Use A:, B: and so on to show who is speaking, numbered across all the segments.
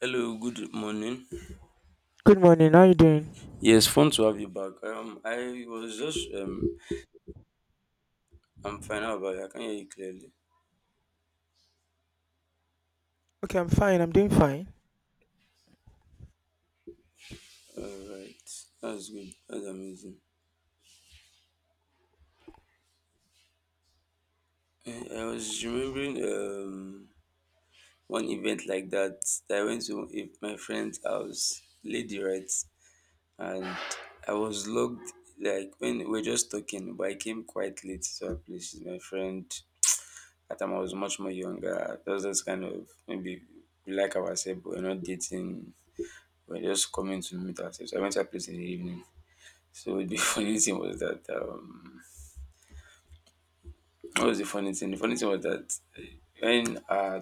A: Hello, good morning.
B: Good morning. How you doing?
A: Yes, fun to have you back. I was just I'm fine. How about you? I can hear you clearly.
B: Okay, I'm fine. I'm doing fine.
A: All right, that's good. That's amazing. I was remembering one event like that I went to if my friend's house, lady, right, and I was logged like when we were just talking, but I came quite late to her place. She's my friend. At the time I was much more younger. That was just kind of maybe we like ourselves, but we're not dating. We were just coming to meet ourselves. I went to a place in the evening. So the funny thing was that what was the funny thing? The funny thing was that when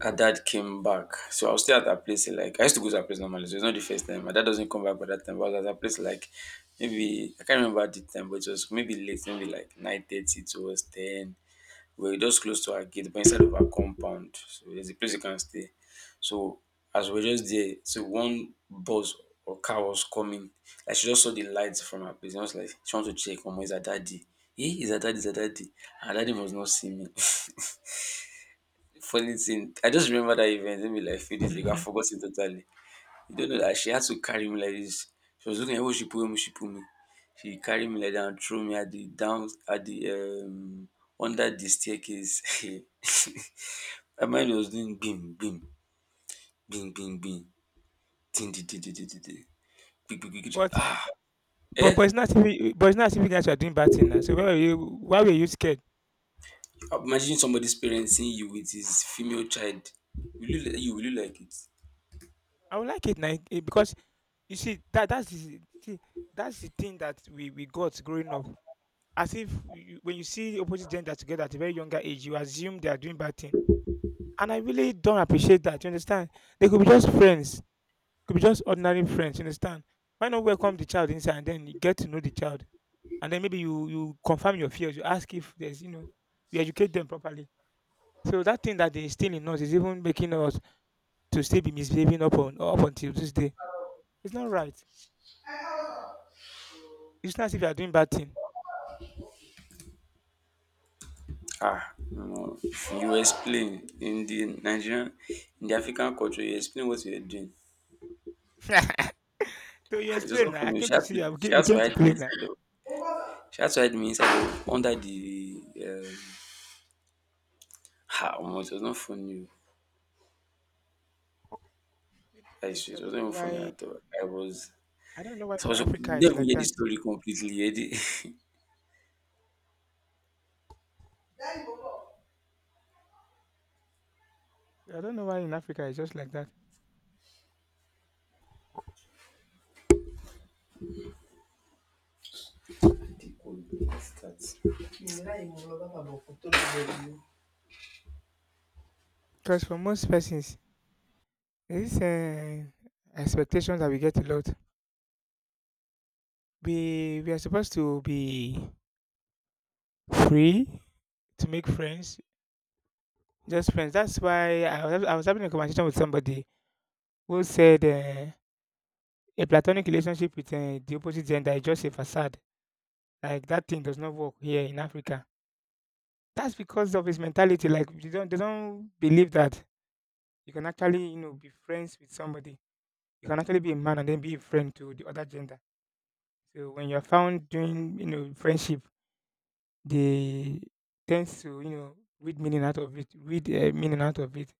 A: her dad came back, so I was still at her place. Like I used to go to her place normally, so it's not the first time. My dad doesn't come back by that time. But I was at her place like maybe I can't remember the time, but it was maybe late, maybe like 9:30 towards ten. We were just close to our gate, but inside of our compound. So there's a place you can stay. So as we are just there, so one bus or car was coming. Like she just saw the lights from her place. And I was like, she wants to check, Mama, is her daddy? Is her daddy? Her daddy must not see me. Funny thing, I just remember that event maybe like a few days ago. I
B: Mhm.
A: forgot it totally. You don't know that she had to carry me like this. She was looking at, oh, she pulled me. She carried me like that and threw me at the down at the under the staircase. My mind was doing bim bim bim bim bim ding ding ding ding ding ding ding. Quick, quick, quick, quick.
B: but
A: Ah,
B: but
A: eh?
B: but it's not as if you guys are doing bad thing now. So why were you scared?
A: Imagine somebody's parent seeing you with his female child. Will you will you like it?
B: I would like it now because you see that that's the thing that we got growing up. As if you, When you see opposite gender together at a very younger age, you assume they are doing bad thing, and I really don't appreciate that. You understand? They could be just friends, could be just ordinary friends. You understand? Why not welcome the child inside and then you get to know the child? And then maybe you confirm your fears. You ask if there's, you educate them properly. So that thing that they instill in us is even making us to still be misbehaving up until this day. It's not right. It's not as if you are doing bad thing.
A: Ah, no. You explain in the Nigerian, in the African culture. You explain what you are doing.
B: So you
A: It was
B: explain
A: so
B: now. I
A: funny.
B: came
A: She
B: to
A: had
B: see
A: to
B: you.
A: she
B: We
A: had to
B: came to
A: hide me
B: play now.
A: inside the she had to hide me inside the under the ha omo, it was not funny. Oh.
B: The thing is,
A: Like
B: I
A: it
B: don't
A: was not
B: know
A: even funny
B: why.
A: at all. I was
B: I don't know why
A: so I
B: for
A: was,
B: Africa
A: didn't
B: is
A: even
B: like
A: hear the
B: that.
A: story completely. Hear the-
B: I don't know why in Africa it's just like that. Because for most persons, this expectation that we get a lot. We are supposed to be free to make friends. Just friends. That's why I was having a conversation with somebody who said a platonic relationship with the opposite gender is just a facade. Like that thing does not work here in Africa. That's because of his mentality. Like they don't believe that you can actually be friends with somebody. You can actually be a man and then be a friend to the other gender. So when you're found doing friendship, they tends to read meaning out of it,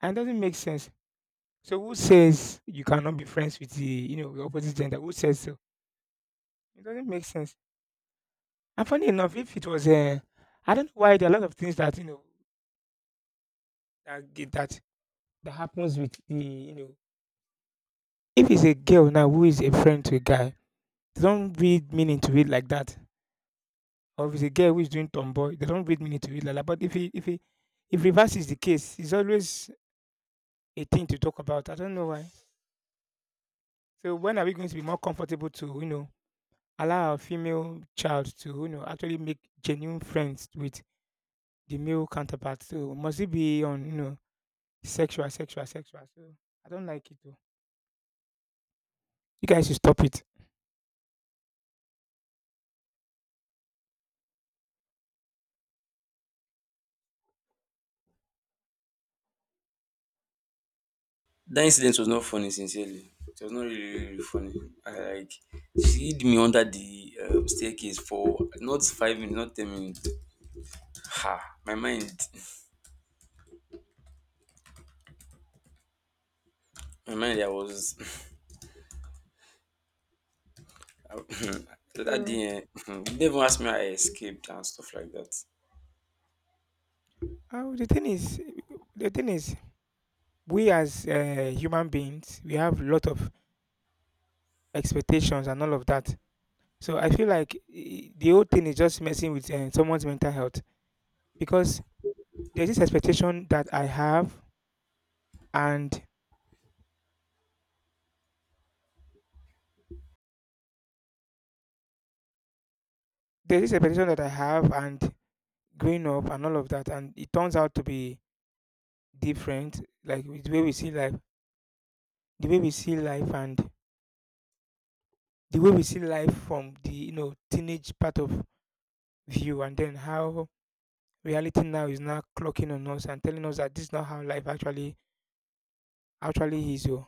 B: and it doesn't make sense. So who says you cannot be friends with the you know the opposite gender? Who says so? It doesn't make sense. And funny enough, if it was I don't know why there are a lot of things that that get that that happens with the you know if it's a girl now who is a friend to a guy, they don't read meaning to it like that. Or if it's a girl who is doing tomboy, they don't read meaning to it like that. But if reverse is the case, it's always a thing to talk about. I don't know why. So when are we going to be more comfortable to allow our female child to actually make genuine friends with the male counterpart. So must it be on sexual, sexual, sexual? So I don't like it. Though. You guys should stop it.
A: That incident was not funny sincerely. It was not really funny. I like she hid me under the staircase for not 5 minutes, not 10 minutes. Ha my mind I was I- so that
B: So
A: day, eh, you didn't even ask me how I escaped and stuff like that.
B: oh, the thing is, we as human beings, we have a lot of expectations and all of that. So I feel like the whole thing is just messing with someone's mental health because there's this expectation that I have, and there's this expectation that I have, and growing up and all of that, and it turns out to be different, like with the way we see life, and the way we see life from the teenage part of view, and then how reality now is now clocking on us and telling us that this is not how life actually is. Oh.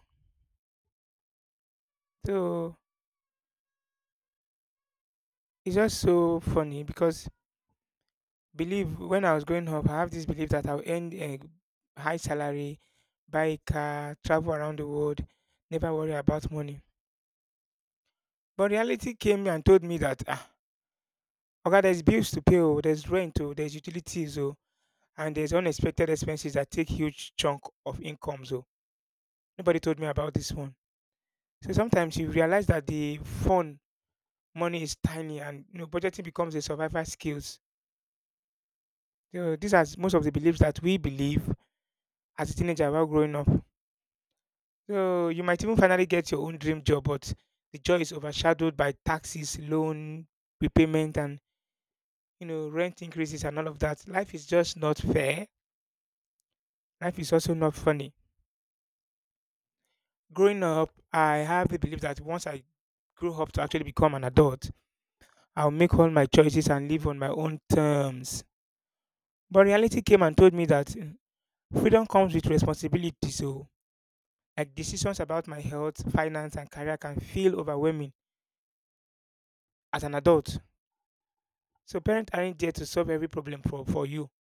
B: So it's just so funny because believe when I was growing up, I have this belief that I'll earn a high salary, buy a car, travel around the world, never worry about money. But reality came and told me that ah, okay, there's bills to pay, oh, there's rent, oh, there's utilities, oh, and there's unexpected expenses that take huge chunk of income. So nobody told me about this one. So sometimes you realize that the fun money is tiny and, you know, budgeting becomes a survival skills. So these are most of the beliefs that we believe as a teenager while growing up. So you might even finally get your own dream job, but the joy is overshadowed by taxes, loan repayment, and rent increases and all of that. Life is just not fair. Life is also not funny. Growing up, I have the belief that once I grow up to actually become an adult, I'll make all my choices and live on my own terms. But reality came and told me that freedom comes with responsibilities, so like decisions about my health, finance, and career can feel overwhelming as an adult. So parents aren't there to solve every problem for you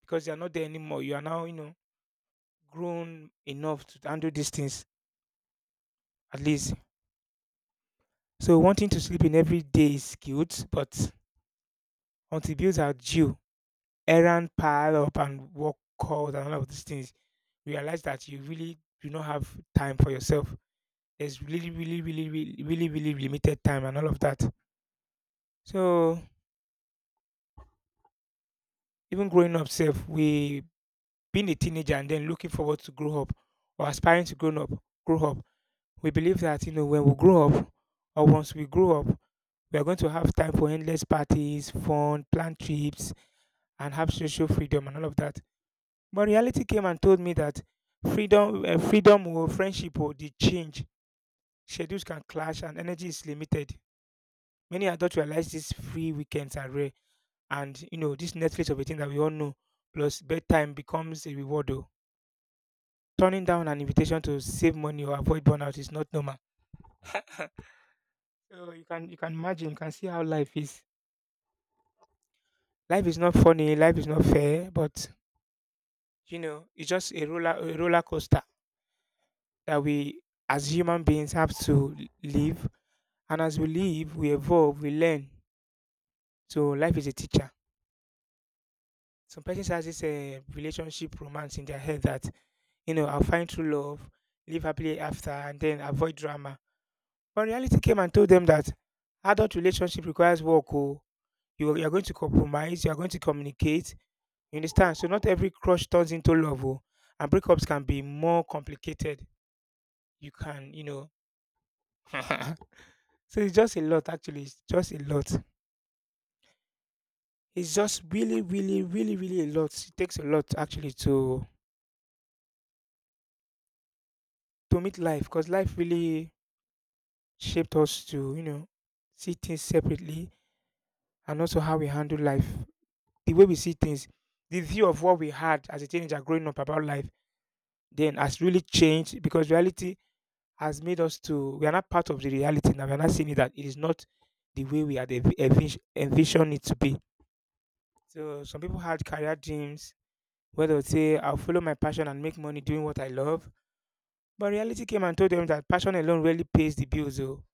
B: because they are not there anymore. You are now, you know, grown enough to handle these things at least. So wanting to sleep in every day is cute, but until bills are due, errand pile up and work calls and all of these things, realize that you really do not have time for yourself. There's really, really, really, really, really, really limited time and all of that. So even growing up self, we being a teenager and then looking forward to grow up or aspiring to grow up, grow up. We believe that when we grow up or once we grow up, we are going to have time for endless parties, fun, planned trips, and have social freedom and all of that. But reality came and told me that freedom, freedom or friendship or the change schedules can clash and energy is limited. Many adults realize these free weekends are rare and this Netflix of a thing that we all know, plus bedtime becomes a reward. Though. Turning down an invitation to save money or avoid burnout is not normal. So you can imagine, you can see how life is. Life is not funny, life is not fair, but it's just a roller coaster that we as human beings have to live, and as we live, we evolve, we learn. So life is a teacher. Some persons has this relationship romance in their head that I'll find true love, live happily after, and then avoid drama. But reality came and told them that adult relationship requires work. Oh, you, you're going to compromise, you're going to communicate, you understand? So not every crush turns into love. Oh, and breakups can be more complicated. You can, so it's just a lot actually, it's just a lot, it's just really, really, really, really a lot. It takes a lot actually to meet life because life really shaped us to, you know, see things separately and also how we handle life. The way we see things, the view of what we had as a teenager growing up about life then has really changed because reality has made us to, we are not part of the reality now. We are not seeing it that it is not the way we had envisioned it to be. So some people had career dreams where they would say, I'll follow my passion and make money doing what I love. But reality came and told them that passion alone really pays the bills. Oh,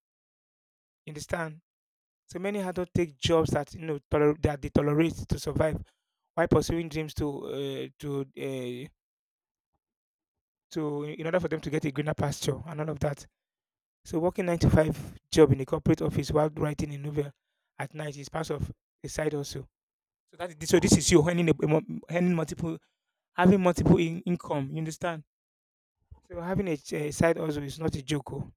B: you understand? So many adults take jobs that that they tolerate to survive, while pursuing dreams to uh, to uh, to, in order for them to get a greener pasture and all of that. So working nine to five job in a corporate office while writing a novel at night is part of a side also. So that is, so this is you earning earning multiple, having multiple in, income. You understand? So having a side also is not a joke. Oh.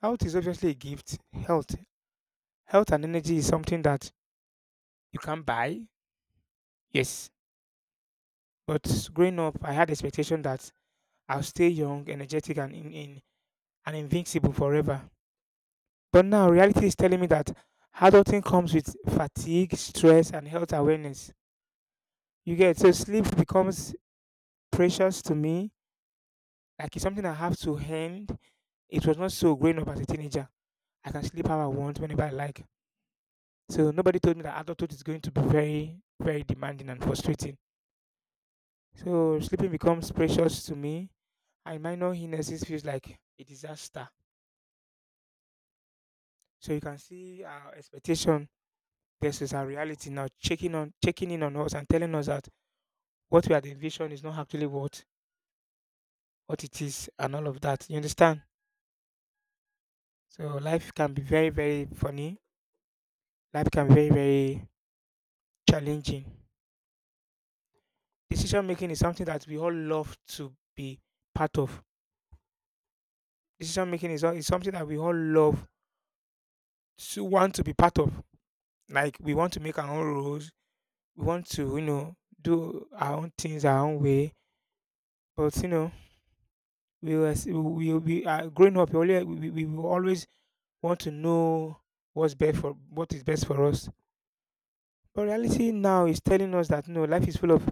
B: Health is obviously a gift. Health, health and energy is something that you can buy. Yes, but growing up, I had expectation that I'll stay young, energetic, and in and invincible forever. But now reality is telling me that adulting comes with fatigue, stress, and health awareness. You get so sleep becomes precious to me. Like it's something I have to hand. It was not so growing up as a teenager. I can sleep how I want, whenever I like. So nobody told me that adulthood is going to be very, very demanding and frustrating. So sleeping becomes precious to me, and minor illnesses feels like a disaster. So you can see our expectation versus our reality now checking in on us and telling us that what we had envisioned is not actually what it is and all of that. You understand? So life can be very, very funny. Life can be very, very challenging. Decision making is something that we all love to be part of. Decision making is something that we all love to want to be part of. Like we want to make our own rules. We want to do our own things our own way. But we are growing up. We will always want to know what is best for us. But reality now is telling us that no, life is full of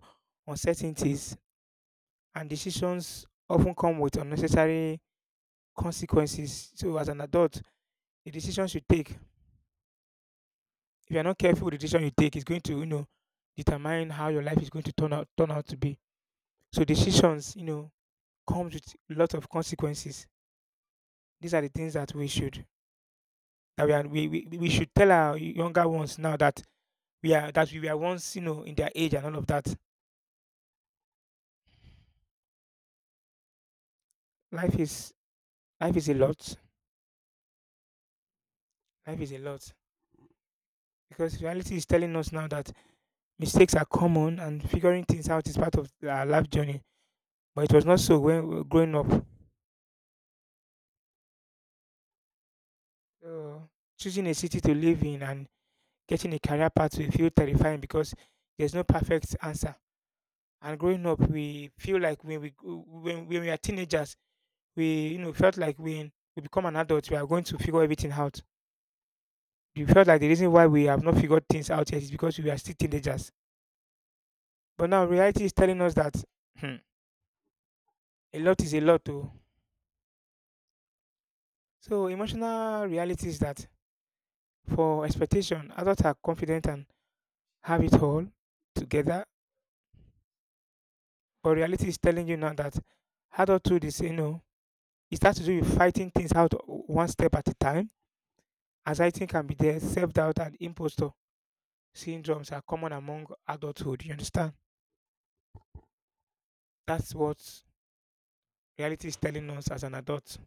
B: uncertainties, and decisions often come with unnecessary consequences. So as an adult, the decisions you take, if you are not careful, with the decision you take is going to determine how your life is going to turn out to be. So decisions comes with a lot of consequences. These are the things that we should tell our younger ones now that we are that we were once in their age and all of that. Life is life is a lot, life is a lot, because reality is telling us now that mistakes are common and figuring things out is part of our life journey, but it was not so when we were growing up. So choosing a city to live in and getting a career path will feel terrifying because there's no perfect answer. And growing up, we feel like when we are teenagers, we felt like when we become an adult, we are going to figure everything out. We felt like the reason why we have not figured things out yet is because we are still teenagers. But now reality is telling us that hmm, a lot is a lot too. So emotional reality is that for expectation, adults are confident and have it all together, but reality is telling you now that adulthood is it has to do with fighting things out one step at a time. Anxiety can be there, self-doubt and imposter syndromes are common among adulthood, you understand. That's what reality is telling us as an adult.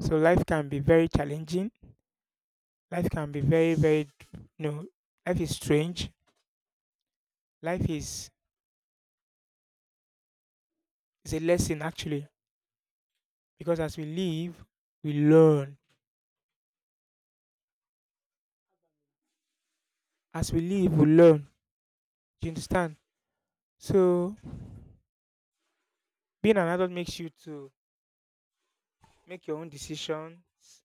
B: So life can be very challenging. Life can be very, very, you know, life is strange. Life is a lesson, actually, because as we live, we learn. As we live, we learn. Do you understand? So being an adult makes you to make your own decisions,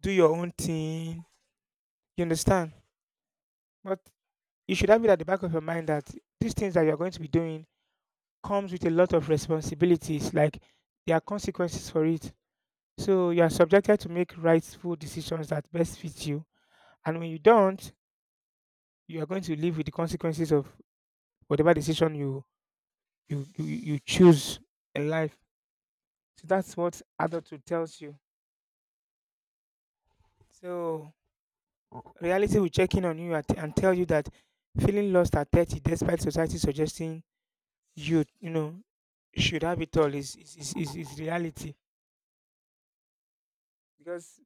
B: do your own thing. You understand? But you should have it at the back of your mind that these things that you're going to be doing comes with a lot of responsibilities. Like there are consequences for it. So you are subjected to make rightful decisions that best fit you. And when you don't, you are going to live with the consequences of whatever decision you choose in life. So that's what adulthood tells you. So reality will check in on you and tell you that feeling lost at 30, despite society suggesting you should have it all, is reality. Because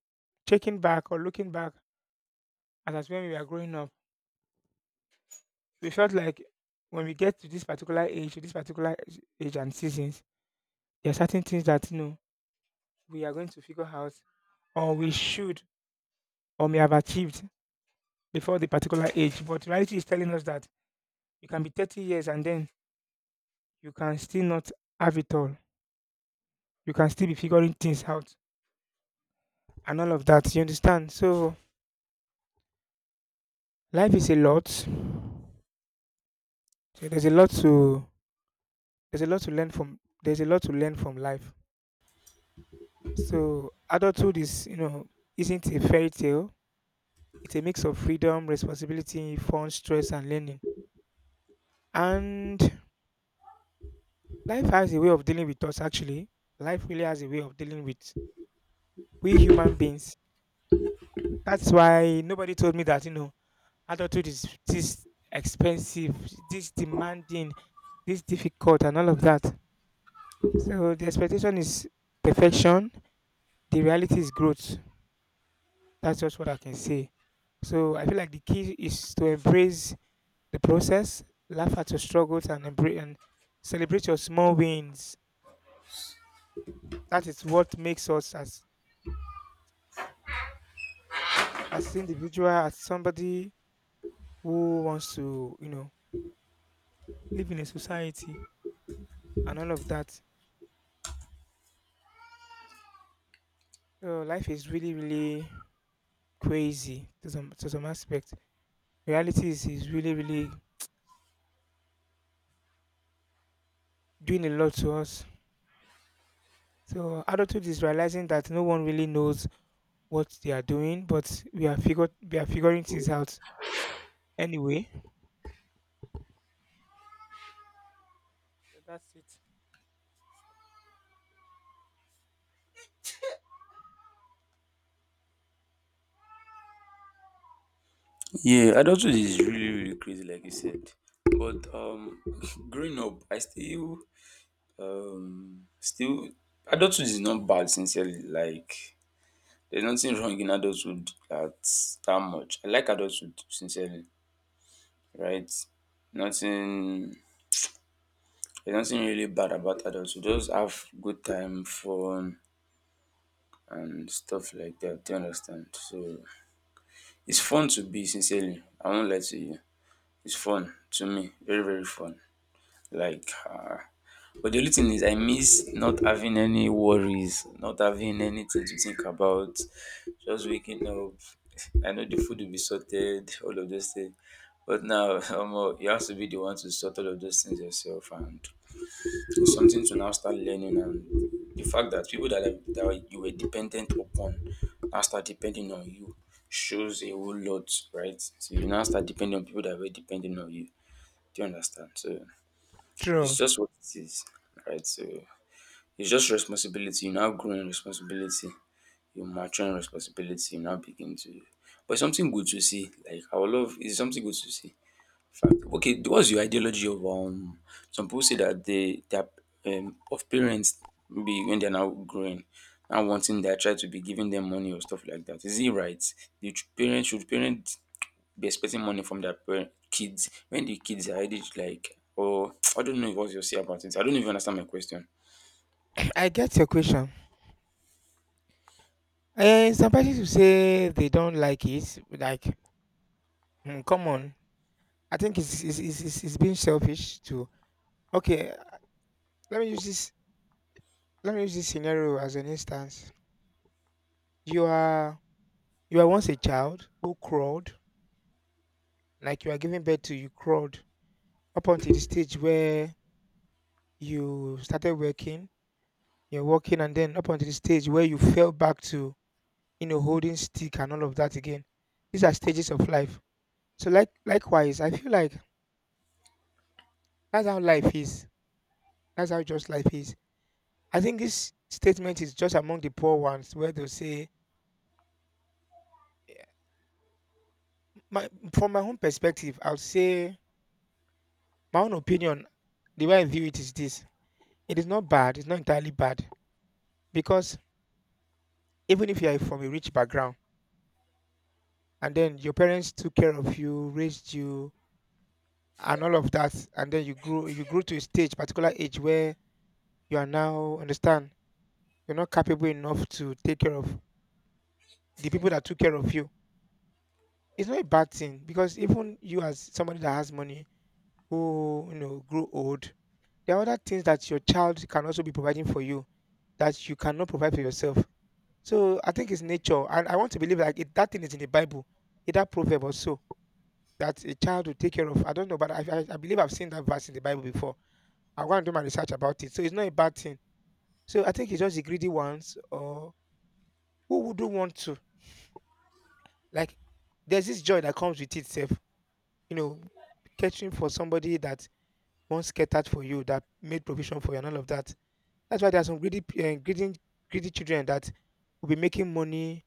B: checking back or looking back at as when we were growing up, they felt like when we get to this particular age and seasons, there are certain things that you know we are going to figure out, or we should, or may have achieved before the particular age. But reality is telling us that you can be 30 years and then you can still not have it all. You can still be figuring things out and all of that. You understand? So life is a lot. So there's a lot to there's a lot to learn from there's a lot to learn from life. So adulthood is isn't a fairy tale. It's a mix of freedom, responsibility, fun, stress, and learning. And life has a way of dealing with us, actually. Life really has a way of dealing with we human beings. That's why nobody told me that adulthood is this expensive, this demanding, this difficult, and all of that. So the expectation is perfection, the reality is growth. That's just what I can say. So I feel like the key is to embrace the process, laugh at your struggles, and celebrate your small wins. That is what makes us as individual, as somebody who wants to live in a society and all of that. So life is really, really crazy to some aspect. Reality is really, really doing a lot to us. So adulthood is realizing that no one really knows what they are doing, but we are figuring things out anyway. So that's it.
A: Yeah, adulthood is really crazy, like you said. But growing up, I still adulthood is not bad. Sincerely, like there's nothing wrong in adulthood that much. I like adulthood sincerely, right? Nothing. There's nothing really bad about adulthood. Just have good time, fun, and stuff like that. Do you understand? So it's fun to be sincerely, I won't lie to you. It's fun to me, very very fun. Like but the only thing is I miss not having any worries, not having anything to think about, just waking up. I know the food will be sorted, all of those things. But now omo you have to be the one to sort all of those things yourself, and something to now start learning, and the fact that people that you were dependent upon now start depending on you shows a whole lot, right? So you now start depending on people that were depending on you. Do you understand? So it's
B: True.
A: just what it is, right? So it's just responsibility. You now grow in responsibility. You mature in responsibility. You now begin to, but it's something good to see. Like I would love, it's something good to see. Fact. Okay, what's your ideology of um? Some people say that they are, of parents maybe when they're now growing, now wanting their child to be giving them money or stuff like that. Is it right? The ch- parents should parents be expecting money from their parent, kids when the kids are age like or I don't know what you say about it. I don't even understand my question.
B: I get your question. Some persons will say they don't like it. Like, come on. I think it's being selfish to. Okay, let me use this. Let me use this scenario as an instance. You are you are once a child who crawled, like you are giving birth to, you crawled up until the stage where you started working. You're working, and then up until the stage where you fell back to holding stick and all of that again. These are stages of life. So like likewise, I feel like that's how life is. That's how just life is. I think this statement is just among the poor ones where they'll say, my, from my own perspective, I'll say, my own opinion, the way I view it is this: it is not bad, it's not entirely bad. Because even if you are from a rich background and then your parents took care of you, raised you, and all of that, and then you grew to a stage, particular age where you are now, understand, you're not capable enough to take care of the people that took care of you. It's not a bad thing, because even you as somebody that has money, who grow old, there are other things that your child can also be providing for you that you cannot provide for yourself. So I think it's nature, and I want to believe like it, that thing is in the Bible, either proverb or so, that a child will take care of. I don't know, but I believe I've seen that verse in the Bible before. I'm going to do my research about it, so it's not a bad thing. So I think it's just the greedy ones, or who wouldn't want to, like. There's this joy that comes with itself, you know, catering for somebody that once catered for you, that made provision for you, and all of that. That's why there are some greedy, greedy children that will be making money,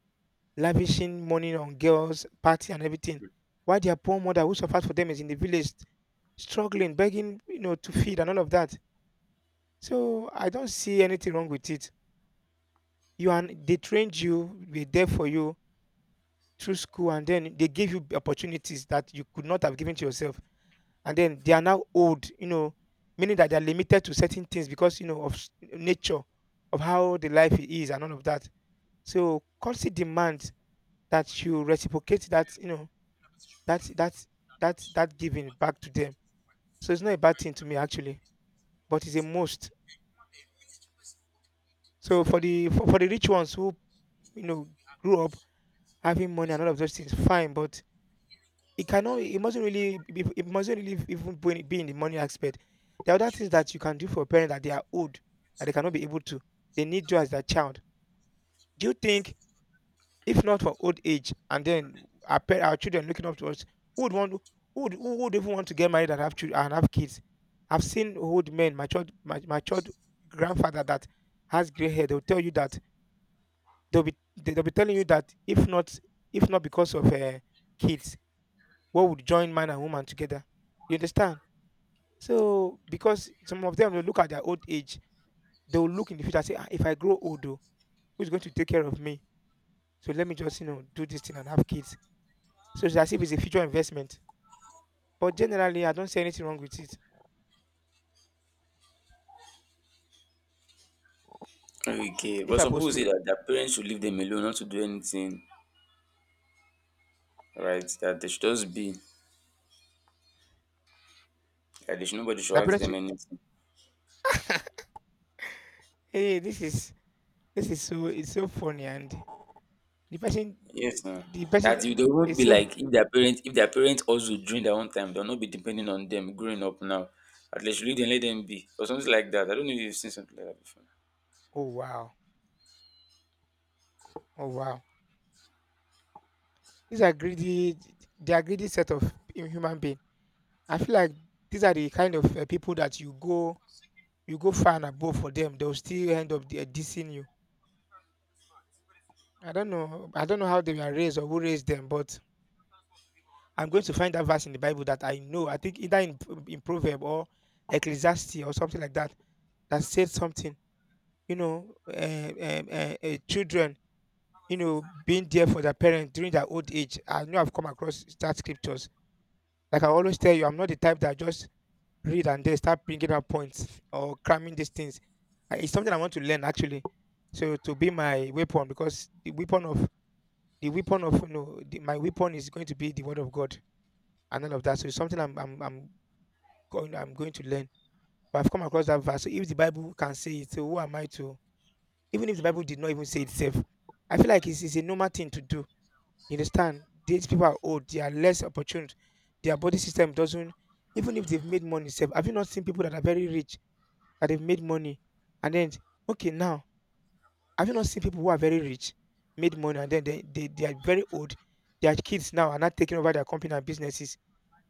B: lavishing money on girls, party, and everything. While their poor mother, who suffered for them, is in the village, struggling, begging, you know, to feed and all of that. So I don't see anything wrong with it. You are, they trained you, they there for you through school, and then they gave you opportunities that you could not have given to yourself, and then they are now old, you know, meaning that they are limited to certain things because of nature, of how the life is, and all of that. So culture demands that you reciprocate that, that that that giving back to them. So it's not a bad thing to me, actually, but it's a must. So for for the rich ones who you know grew up having money and all of those things, fine. But it mustn't really even be in the money aspect. There are other things that you can do for parents that they are old, that they cannot be able to. They need you as their child. Do you think if not for old age and then our parents, our children looking up to us, who would want, who would even want to get married and have children and have kids? I've seen old men, matured grandfather that has gray hair. They'll tell you that they'll be they'll be telling you that if not because of kids, what would join man and woman together? You understand? So, because some of them will look at their old age, they will look in the future and say, "Ah, if I grow old, oh, who's going to take care of me? So let me just, you know, do this thing and have kids." So it's as if it's a future investment. But generally, I don't see anything wrong with it.
A: Okay,
B: If
A: but
B: I
A: some
B: post
A: people
B: to,
A: say that their parents should leave them alone, not to do anything, right? That they should just be. That they should nobody should
B: the
A: ask
B: parents,
A: them
B: will-
A: anything.
B: hey, this is so, it's so funny, and the person,
A: Yes. Mm.
B: the person
A: That you they would
B: is
A: be
B: so,
A: like if their parents also during their own time, they'll not be depending on them growing up now. At least you then let them be. Or something like that. I don't know if you've seen something like that before.
B: oh wow, oh wow. These are greedy, they are greedy set of human being. I feel like these are the kind of people that you go far and above for them, they'll still end up there dissing you. I don't know. I don't know how they were raised or who raised them, but I'm going to find that verse in the Bible that I know. I think either in Proverb or Ecclesiastes or something like that that said something. You know, uh, Children, being there for their parents during their old age. I know I've come across that scriptures. Like I always tell you, I'm not the type that just read and then start picking up points or cramming these things. It's something I want to learn actually. So to be my weapon because the weapon of the, my weapon is going to be the word of God and all of that. So it's something I'm going to learn. But I've come across that verse. So if the Bible can say it, so who am I to? Even if the Bible did not even say it itself, I feel like it's a normal thing to do. You understand? These people are old. They are less opportune. Their body system doesn't. Even if they've made money, self. Have you not seen people that are very rich? That they've made money and then okay now have you not seen people who are very rich made money and then they are very old, their kids now are not taking over their company and businesses.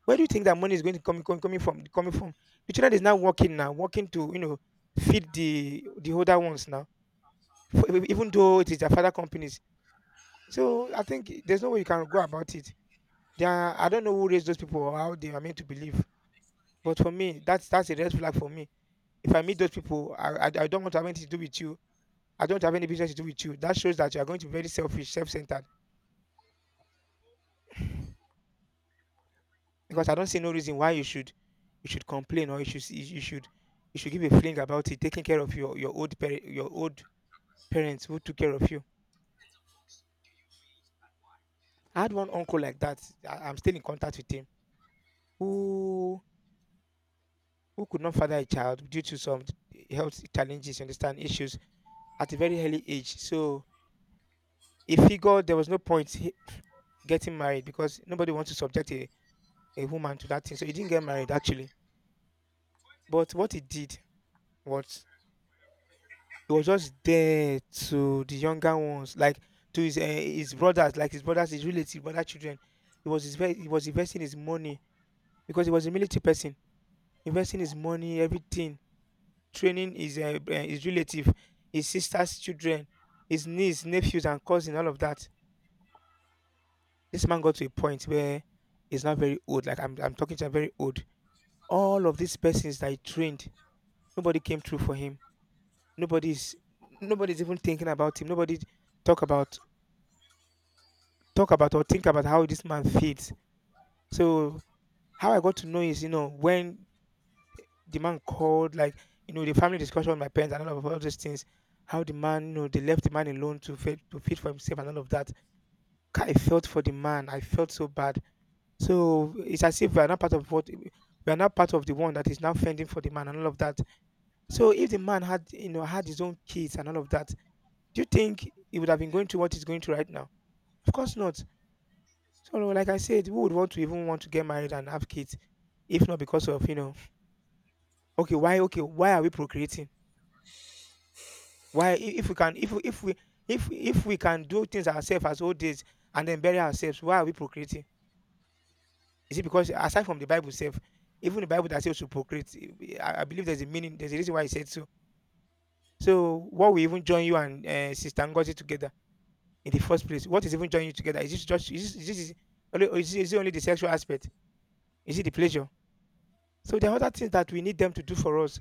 B: Where do you think that money is going to come, coming coming from coming from? The children is now working to feed the older ones now, even though it is their father companies. So I think there's no way you can go about it. There are, I don't know who raised those people or how they are meant to believe, but for me that's a red flag for me. If I meet those people, I don't want to have anything to do with you. I don't have any business to do with you. That shows that you are going to be very selfish, self-centered. Because I don't see no reason why you should complain or you should you should you should give a fling about it, taking care of your old parent, your old parents who took care of you. I had one uncle like that. I'm still in contact with him. Who who could not father a child due to some health challenges, you understand, issues at a very early age. So if he got there was no point getting married because nobody wants to subject a woman to that thing. So he didn't get married actually. But what he did. What? He was just there to the younger ones, like to his brothers, like his brothers, his relative, other children. He was his he was investing his money because he was a military person, investing his money, everything, training his relative, his sister's children, his niece, nephews, and cousin, all of that. This man got to a point where he's not very old. Like I'm talking to a very old. All of these persons that he trained, nobody came through for him. Nobody's Nobody's even thinking about him. Nobody talk about talk about or think about how this man feels. So how I got to know is, you know, when the man called, like, you know, the family discussion with my parents and all of all those things, how the man, you know, they left the man alone to feed for himself and all of that. I felt for the man. I felt so bad. So it's as if we are not part of what we are not part of the one that is now fending for the man and all of that. So if the man had, you know, had his own kids and all of that, do you think he would have been going through what he's going through right now? Of course not. So, like I said, who would want to even want to get married and have kids if not because of you know? Okay, why? Okay, why are we procreating? Why, I- if we can, if we, if we, If we can do things ourselves as old days and then bury ourselves, why are we procreating? Is it because aside from the Bible itself, even the Bible that says to procreate, eh, I believe there's a meaning, there's a reason why it said so. So, what will even join you and Sister Ngozi together in the first place? What is even joining you together? Is this just is this, is this is, only- or is, it- Is it only the sexual aspect? Is it the pleasure? So there are other things that we need them to do for us.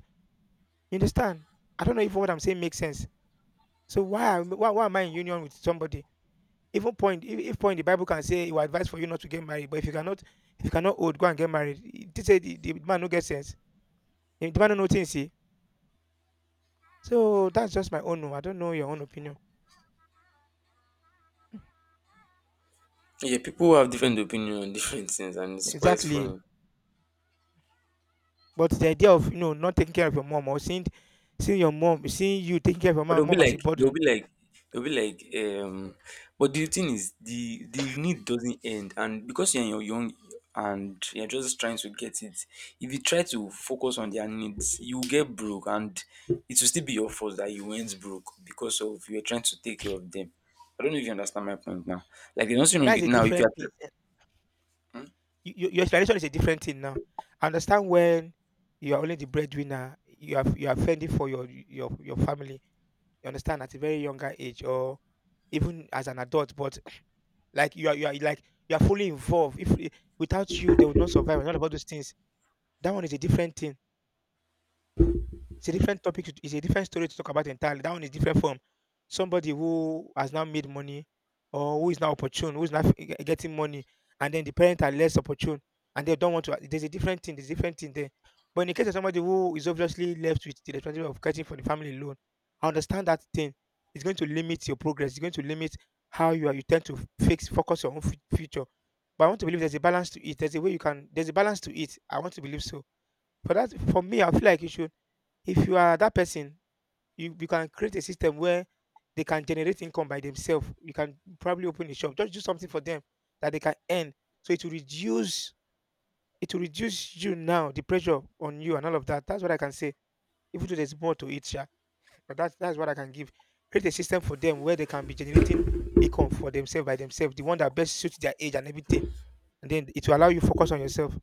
B: You understand? I don't know if what I'm saying makes sense. So why am I in union with somebody? Even point if point the Bible can say it will advise for you not to get married, but if you cannot hold, go and get married. It did say the man no get sense. The man no know things. See. So that's just my own. Own. I don't know your own opinion.
A: Yeah, people have different opinion on different things and it's quite
B: Exactly.
A: funny.
B: But the idea of you know not taking care of your mom or seeing your mom, seeing you taking care of your
A: But they'll be
B: mom as a
A: like they'll
B: burden,
A: be like they'll be like but the thing is the need doesn't end, and because you're young and you're just trying to get it, if you try to focus on their needs, you'll get broke and it will still be your fault that you went broke because of you're trying to take care of them. I don't know if you understand my point now. Like the nursing home
B: that's a
A: now if you're
B: different thing. Your explanation is a different thing now. I understand when you are only the breadwinner, you are fending for your your family. You understand at a very younger age or even as an adult, but like you are like you are fully involved. If without you, they would not survive. And all of all those things. That one is a different thing. It's a different topic. It's a different story to talk about entirely. That one is different from somebody who has now made money or who is now opportune, who is now getting money, and then the parents are less opportune and they don't want to. There's a different thing. There's a different thing there. But in the case of somebody who is obviously left with the responsibility of getting for the family loan, I understand that thing. It's going to limit your progress. It's going to limit how you are. You tend to fix focus your own future. But I want to believe there's a balance to it. There's a way you can. There's a balance to it. I want to believe so. For that, for me, I feel like you should if you are that person, you can create a system where they can generate income by themselves. You can probably open a shop. Just do something for them that they can earn. So it will reduce you now, the pressure on you and all of that. That's what I can say. Even though there's more to it, yeah. But that's what I can give. Create a system for them where they can be generating income for themselves by themselves, the one that best suits their age and everything. And then it will allow you focus on yourself.